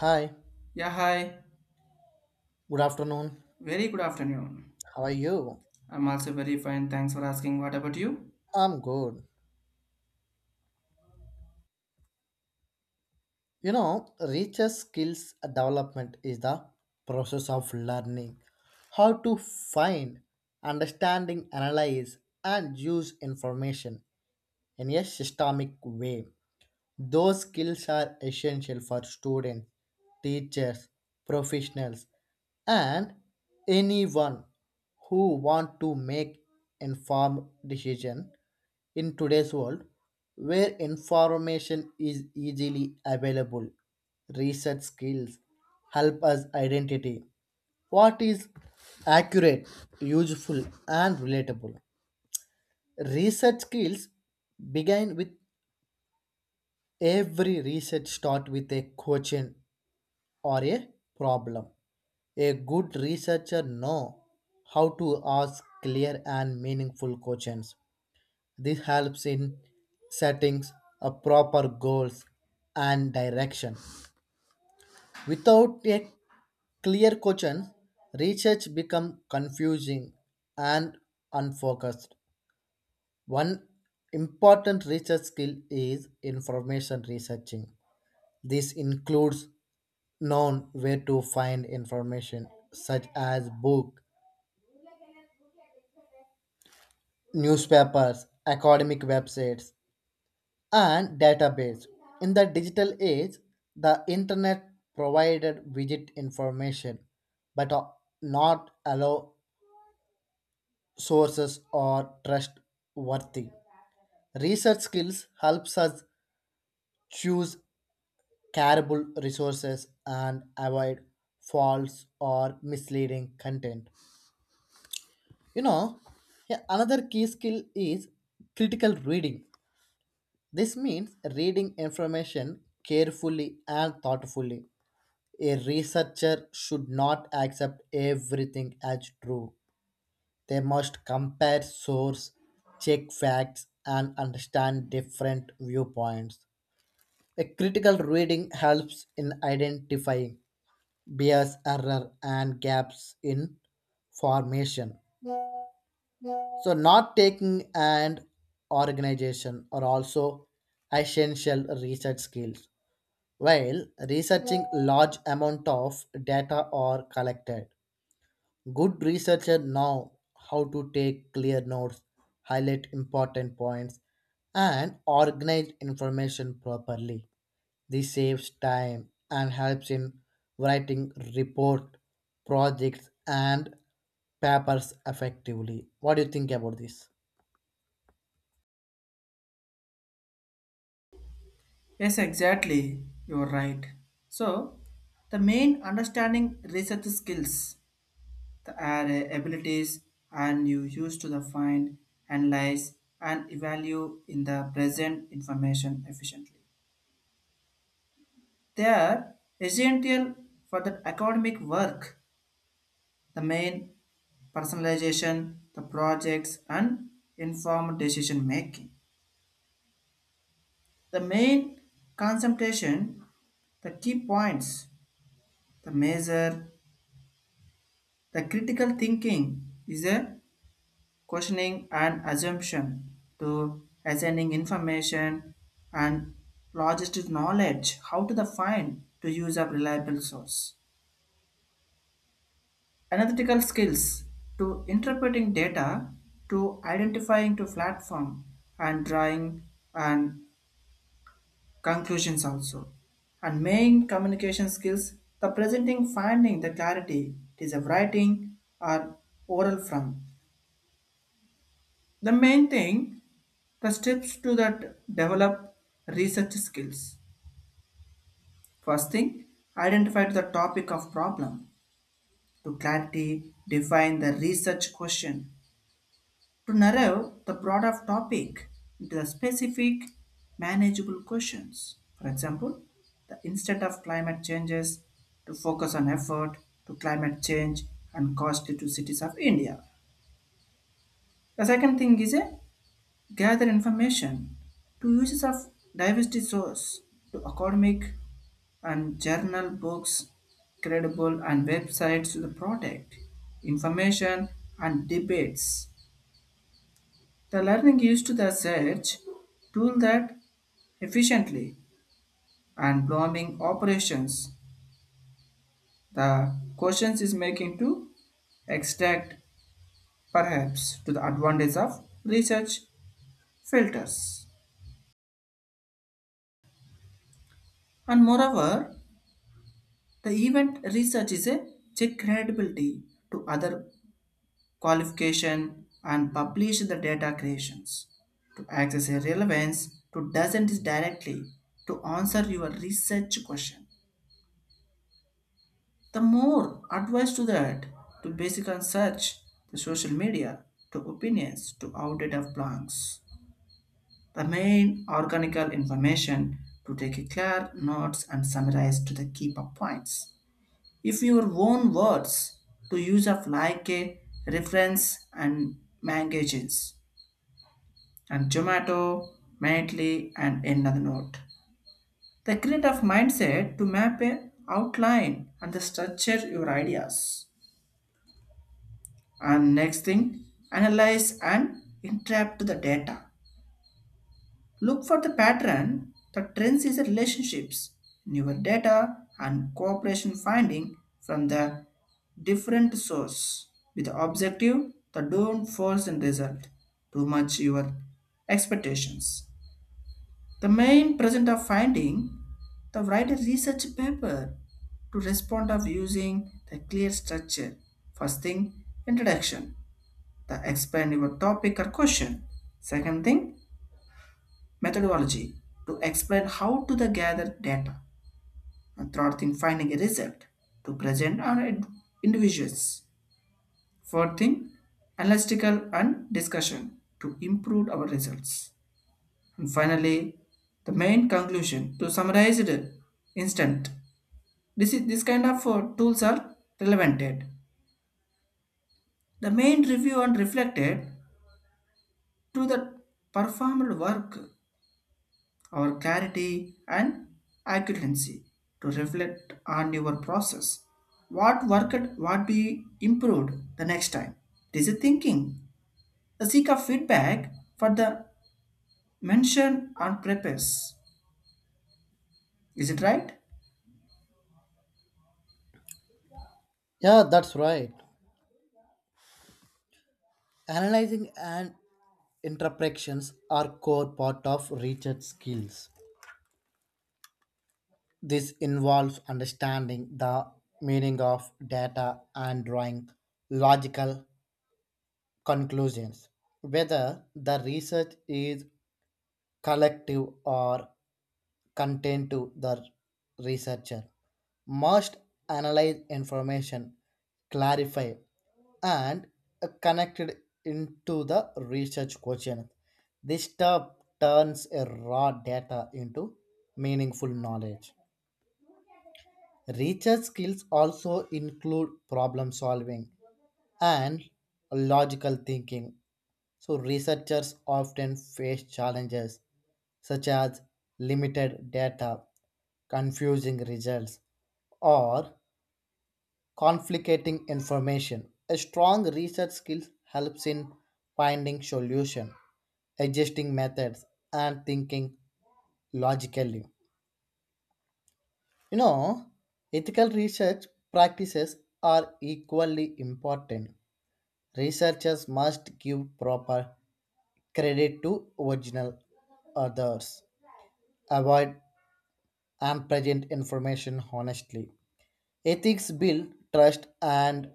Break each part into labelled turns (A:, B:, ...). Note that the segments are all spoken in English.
A: Hi,
B: Yeah, hi.
A: good afternoon.
B: Very good afternoon.
A: How are you?
B: I'm also very fine. Thanks for asking. What about you?
A: I'm good. You know, richest skills development is the process of learning how to find, understanding, analyze, and use information in a systemic way. Those skills are essential for students, teachers, professionals, and anyone who want to make informed decision. In today's world, where information is easily available, research skills help us identity what is accurate, useful, and relatable. Research skills begin with every research start with a question or a problem. A good researcher know how to ask clear and meaningful questions. This helps in setting a proper goals and direction. Without a clear question, research becomes confusing and unfocused. One important research skill is information researching. This includes known where to find information such as book, newspapers, academic websites, and database. In the digital age, the internet provided widget information, but are not allow sources or trustworthy. Research skills helps us choose carable resources and avoid false or misleading content. You know, yeah, another key skill is critical reading. This means reading information carefully and thoughtfully. A researcher should not accept everything as true. They must compare sources, check facts, and understand different viewpoints. A critical reading helps in identifying bias, error, and gaps in formation. So, not taking and organization are also essential research skills. While researching large amount of data are collected, good researcher know how to take clear notes, highlight important points, and organize information properly. This saves time and helps in writing report, projects, and papers effectively. What do you think about this?
B: Yes, exactly. You're right. So, the main understanding research skills, the are abilities, and you use to the find, analyze, and evaluate in the present information efficiently. They are essential for the academic work. The main personalization, the projects, and informed decision making. The main concentration, the key points, the measure, the critical thinking is a questioning and assumption to assigning information and logistic knowledge how to define to use a reliable source. Analytical skills to interpreting data to identifying to platform and drawing and conclusions also and main communication skills the presenting finding the clarity it is a writing or oral from the main thing the steps to that develop research skills first thing identify the topic of problem to clarity define the research question to narrow the broader topic into the specific manageable questions. For example, the instead of climate changes to focus on effort to climate change and cost to cities of India. The second thing is a gather information to uses of diversity source to academic and journal books, credible and websites to the product, information and debates. The learning used the search tool that efficiently and blooming operations. The questions is making to extract perhaps to the advantage of research filters. And moreover, the event research is a check credibility to other qualification and publish the data creations to access a relevance to doesn't is directly to answer your research question the more advice to that, to basic on search, to social media, to opinions, to outdated plans. The main organical information to take a clear notes and summarize to the key points. If your own words to use of like a reference and magazines and Zomato, Mindly and another note. The creative mindset to map a outline and the structure your ideas. And next thing, analyze and interpret the data. Look for the pattern the trends is the relationships in your data and cooperation finding from the different source with the objective. The don't force and result too much your expectations. The main present of finding the write a research paper to respond of using the clear structure. First thing, introduction the explain your topic or question. Second thing, methodology to explain how to the gather data. And third thing, finding a result to present on individuals. Fourth thing, analytical and discussion to improve our results. And finally, the main conclusion to summarize it instant. This is this kind of tools are relevant. The main review and reflected to the performed work or clarity and accuracy to reflect on your process. What worked, what be improved the next time. This is thinking. The seek of feedback for the mention on purpose. Is it right?
A: Yeah, that's right. Analyzing and interpretations are core part of research skills. This involves understanding the meaning of data and drawing logical conclusions, whether the research is collective or contained to the researcher. Must analyze information, clarify, and connect it into the research question. This step turns a raw data into meaningful knowledge. Research skills also include problem solving and logical thinking. So, researchers often face challenges such as limited data, confusing results, or conflicting information. A strong research skill helps in finding solution, adjusting methods, and thinking logically. You know, ethical research practices are equally important. Researchers must give proper credit to original authors. Avoid unpresent information honestly. Ethics build trust and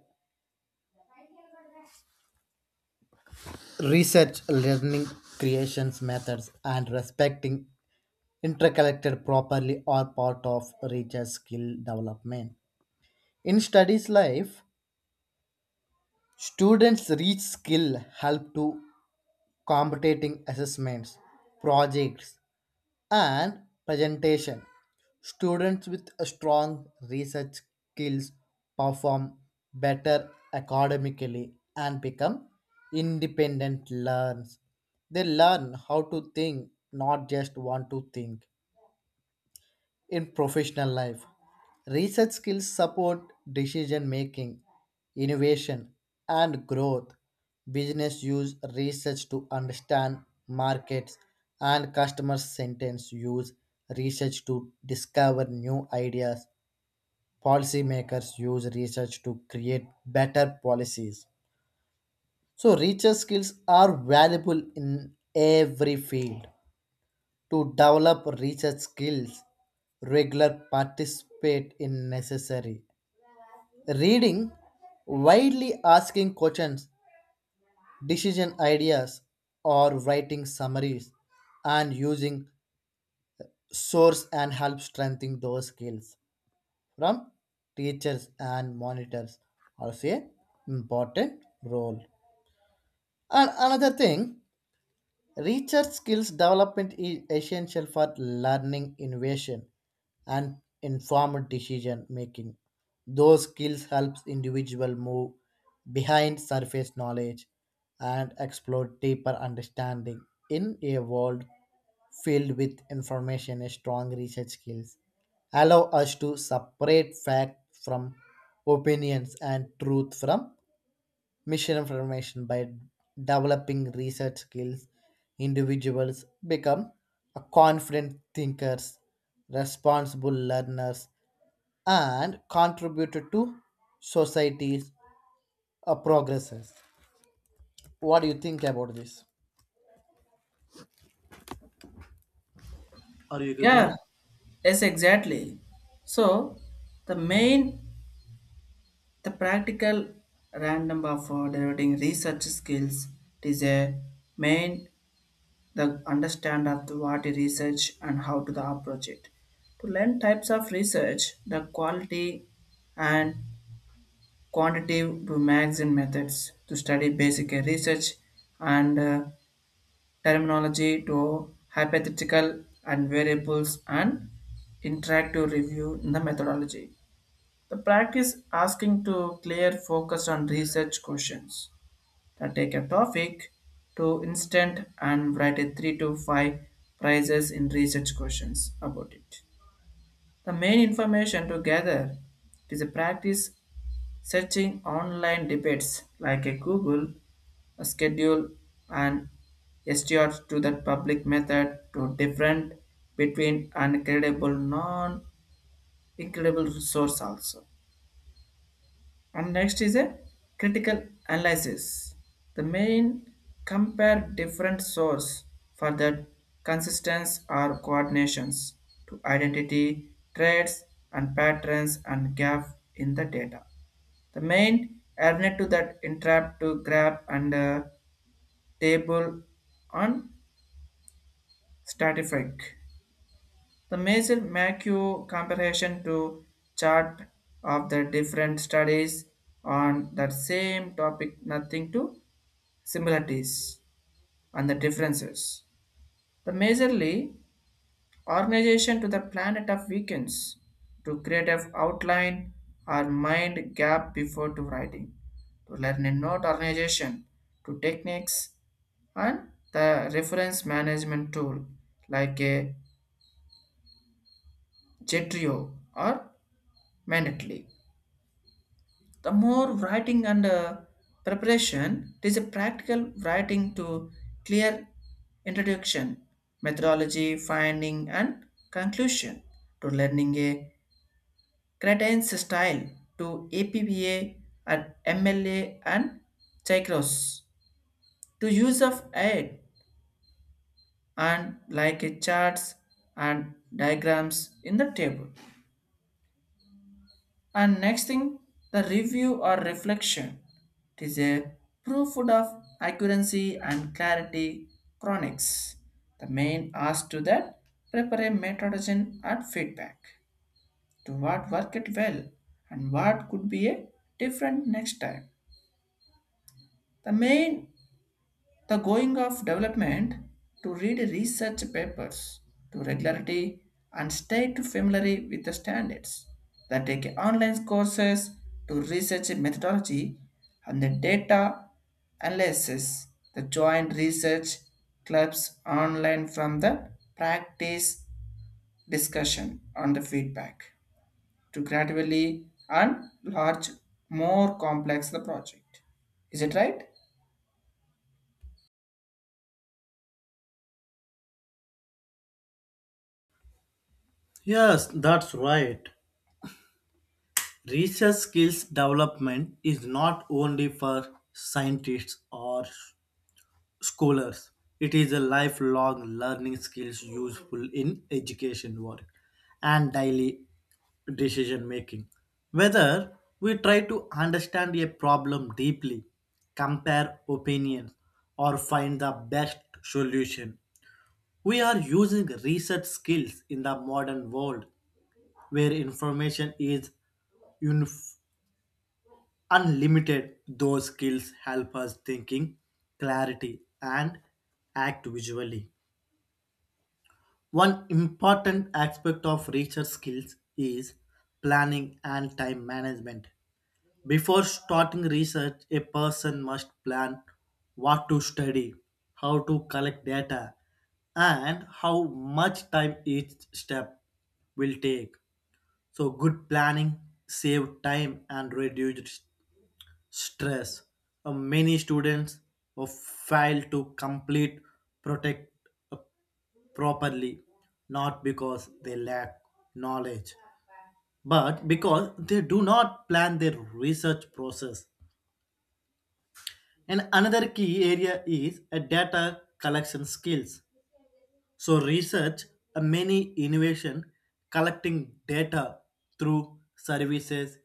A: research learning creations methods and respecting interconnected properly are part of research skill development. In studies life, students reach skill help to competitive assessments, projects, and presentation. Students with strong research skills perform better academically and become independent learners. They learn how to think, not just want to think in professional life. Research skills support decision making, innovation, and growth. Business use research to understand markets, and customer sentence use research to discover new ideas. Policymakers use research to create better policies. So, research skills are valuable in every field to develop research skills regular participate in necessary reading widely asking questions decision ideas or writing summaries and using source and help strengthening those skills from teachers and monitors also a important role and another thing. Research skills development is essential for learning, innovation, and informed decision making. Those skills helps individual move behind surface knowledge and explore deeper understanding in a world filled with information. A strong research skills allow us to separate fact from opinions and truth from mission information by developing research skills individuals become a confident thinkers, responsible learners, and contributed to society's progresses. What do you think about this? Are you agree with it?
B: Yeah, yes, exactly. So, the main, the practical random of developing research skills is a main the understand of the what is research and how to the approach it to learn types of research the quality and quantitative to magazine methods to study basic research and terminology to hypothetical and variables and interactive review in the methodology the practice asking to clear focus on research questions to take a topic to instant and write a three to five prizes in research questions about it. The main information to gather is a practice searching online debates like a Google, a schedule, and STR to that public method to different between and credible non-incredible resource also. And next is a critical analysis. The main compare different source for the consistency or coordinations to identity traits and patterns and gap in the data. The main element to that entrap to grab and table on statistics. The measure make you comparison to chart of the different studies on that same topic, nothing to similarities and the differences. The majorly organization to the planet of weekends to create an outline or mind gap before to writing, to learn a note organization, to techniques and the reference management tool like a Jetrio or Mandatory the more writing and preparation, it is a practical writing to clear introduction, methodology, finding, and conclusion to learning a credence style to APBA and MLA and Chicros to use of aid and like a charts and diagrams in the table. And next thing, the review or reflection. It is a proof of accuracy and clarity chronics. The main ask to that prepare a methodology and feedback to what worked well and what could be a different next time. The main the going of development to read research papers to regularity and stay to familiar with the standards. That take online courses to research methodology and the data analysis. The joint research clubs online from the practice discussion on the feedback to gradually and large more complex the project. Is it right?
A: Yes, that's right. Research skills development is not only for scientists or scholars. It is a lifelong learning skills useful in education work and daily decision making. Whether we try to understand a problem deeply, compare opinions, or find the best solution. We are using research skills in the modern world where information is unif- unlimited. Those skills help us thinking, clarity, and act visually. One important aspect of research skills is planning and time management. Before starting research, a person must plan what to study, how to collect data, and how much time each step will take. So, good planning save time and reduce stress. Many students fail to complete protect properly, not because they lack knowledge, but because they do not plan their research process. And another key area is a data collection skills. So research, a many innovation, collecting data through services,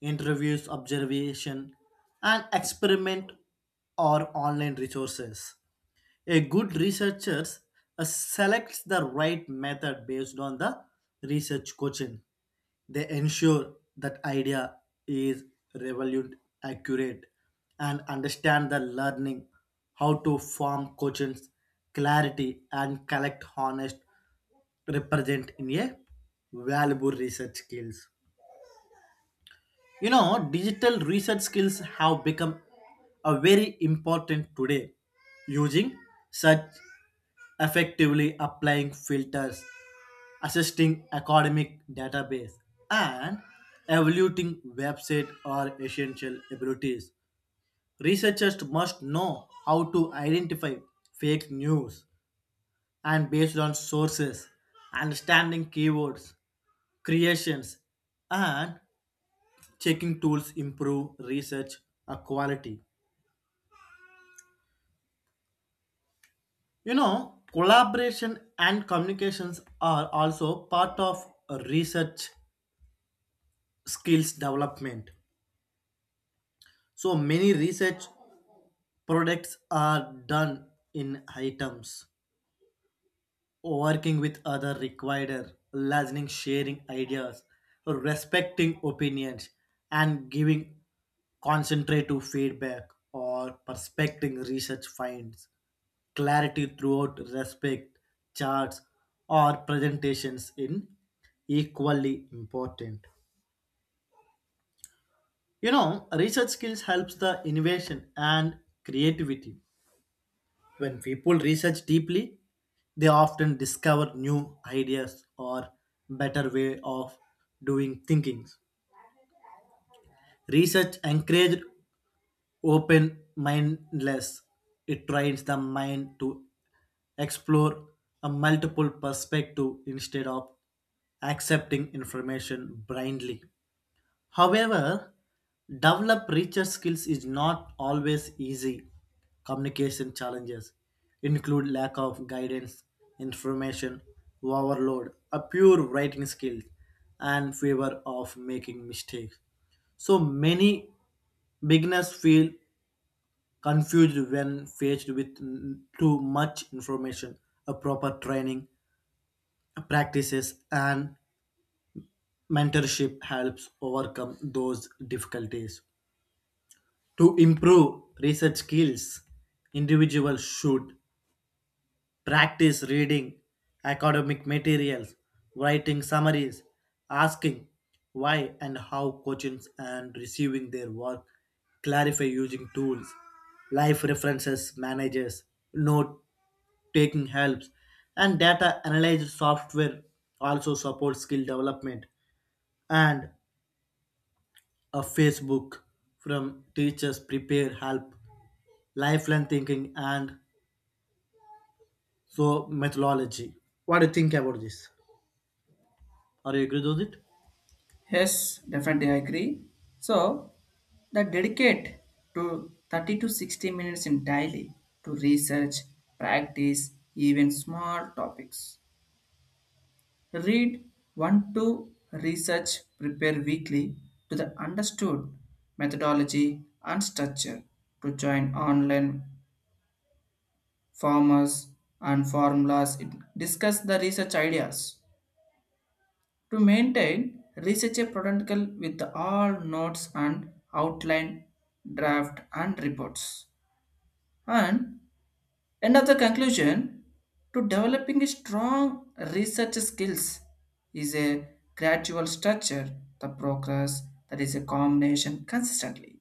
A: interviews, observation, and experiment or online resources. A good researcher selects the right method based on the research question. They ensure that idea is relevant, accurate, and understand the learning, how to form questions, clarity, and collect honest represent in a valuable research skills. You know, digital research skills have become a very important today. Using such effectively applying filters, assisting academic database, and evaluating website are essential abilities. Researchers must know how to identify fake news and based on sources, understanding keywords, creations, and checking tools improve research quality. You know, collaboration and communications are also part of research skills development. So many research products are done in items working with other required listening sharing ideas respecting opinions and giving concentrative feedback or prospecting research finds clarity throughout respect charts or presentations in equally important. You know, research skills helps the innovation and creativity. When people research deeply, they often discover new ideas or better way of doing things. Research encouraged open mindless. It trains the mind to explore a multiple perspective instead of accepting information blindly. However, develop richer skills is not always easy. Communication challenges include lack of guidance, information overload, a poor writing skill, and fear of making mistakes. So many beginners feel confused when faced with too much information. A proper training, practices, and mentorship helps overcome those difficulties. To improve research skills, individuals should practice reading academic materials, writing summaries, asking why and how questions, and receiving their work, clarify using tools, life references, managers, note taking helps, and data analysis software also supports skill development. And a Facebook from teachers prepare help lifelong thinking and so methodology. What do you think about this? Are you agree with it?
B: Yes, definitely I agree. So that dedicate to 30 to 60 minutes in daily to research, practice, even small topics. Read one to research, prepare weekly to the understood methodology and structure to join online farmers and formulas. It discuss the research ideas. To maintain, research a protocol with all notes and outline, draft and reports. And end of the conclusion, to developing a strong research skills is a gradual structure, the progress that is a combination consistently.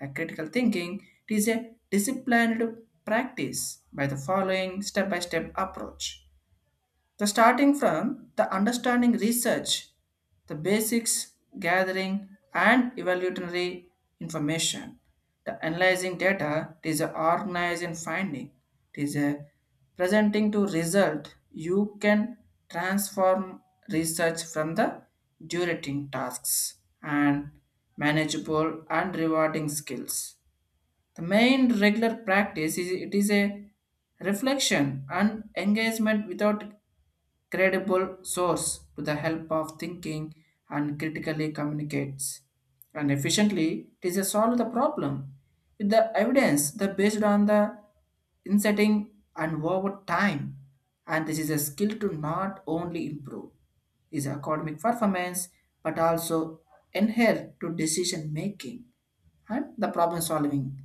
B: The critical thinking it is a disciplined practice by the following step-by-step approach the starting from the understanding research, the basics gathering and evaluatory information, the analyzing data it is a organized in finding, it is a presenting to result. You can transform research from the durating tasks and manageable and rewarding skills. The main regular practice is it is a reflection and engagement without credible source to the help of thinking and critically communicates. And efficiently, it is a solve the problem with the evidence that based on the insetting and over time. And this is a skill to not only improve his academic performance but also inhere to decision making and the problem solving.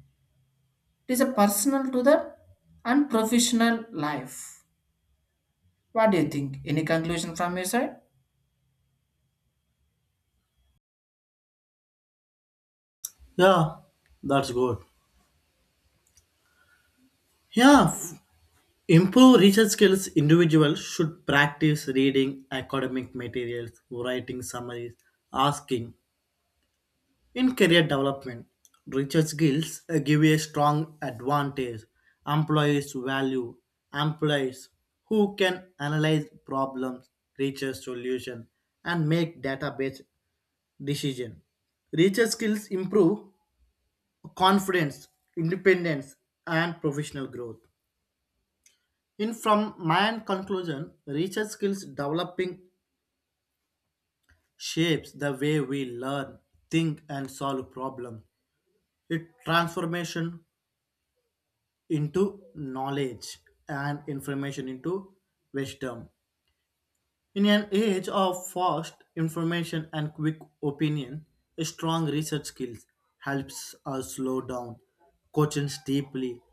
B: It is a personal to the unprofessional life. What do you think? Any conclusion from your side?
A: Yeah, that's good. Yeah, f- Improve research skills. Individuals should practice reading academic materials, writing summaries, asking. In career development, research skills give a strong advantage. Employees value employees who can analyze problems, research solutions, and make data-based decision. Richer skills improve confidence, independence, and professional growth. In from my end conclusion, richer skills developing shapes the way we learn, think, and solve problems. It transformation into knowledge and information into wisdom. In an age of fast information and quick opinion, strong research skills helps us slow down, questions deeply,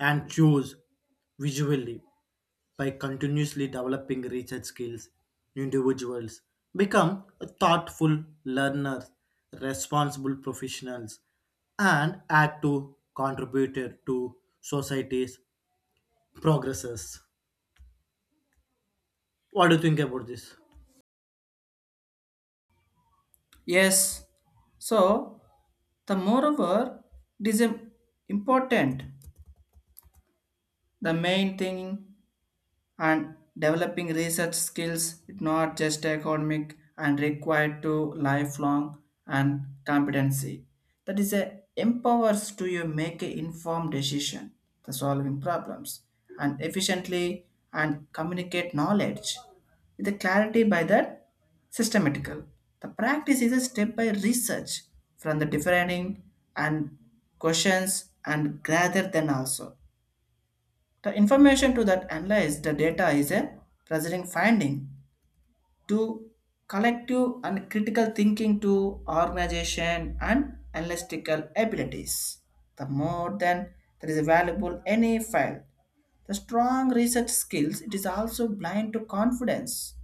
A: and choose visually. By continuously developing research skills, individuals become thoughtful learners, responsible professionals, and active contributor to society's progresses. What do you think about this?
B: Yes. So the moreover, it is im- important. The main thing and developing research skills is not just academic and required to lifelong and competency that is a empowers to you make an informed decision the solving problems and efficiently and communicate knowledge with the clarity by that systematical the practice is a step by research from the defining and questions and rather than also the information to that analyze the data is a preserving finding to collective and critical thinking to organization and analytical abilities. The more than there is valuable any file. The strong research skills it is also blind to confidence.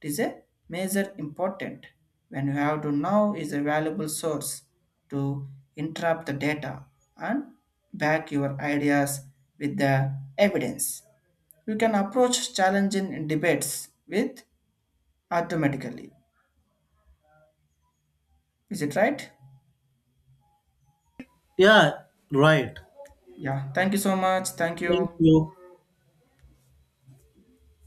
B: It is a major important when you have to know is a valuable source to interrupt the data and back your ideas with the evidence you can approach challenge in debates with automatically. Is it right?
A: Yeah, right.
B: Yeah. Thank you so much. Thank
A: Thank
B: you.
A: you.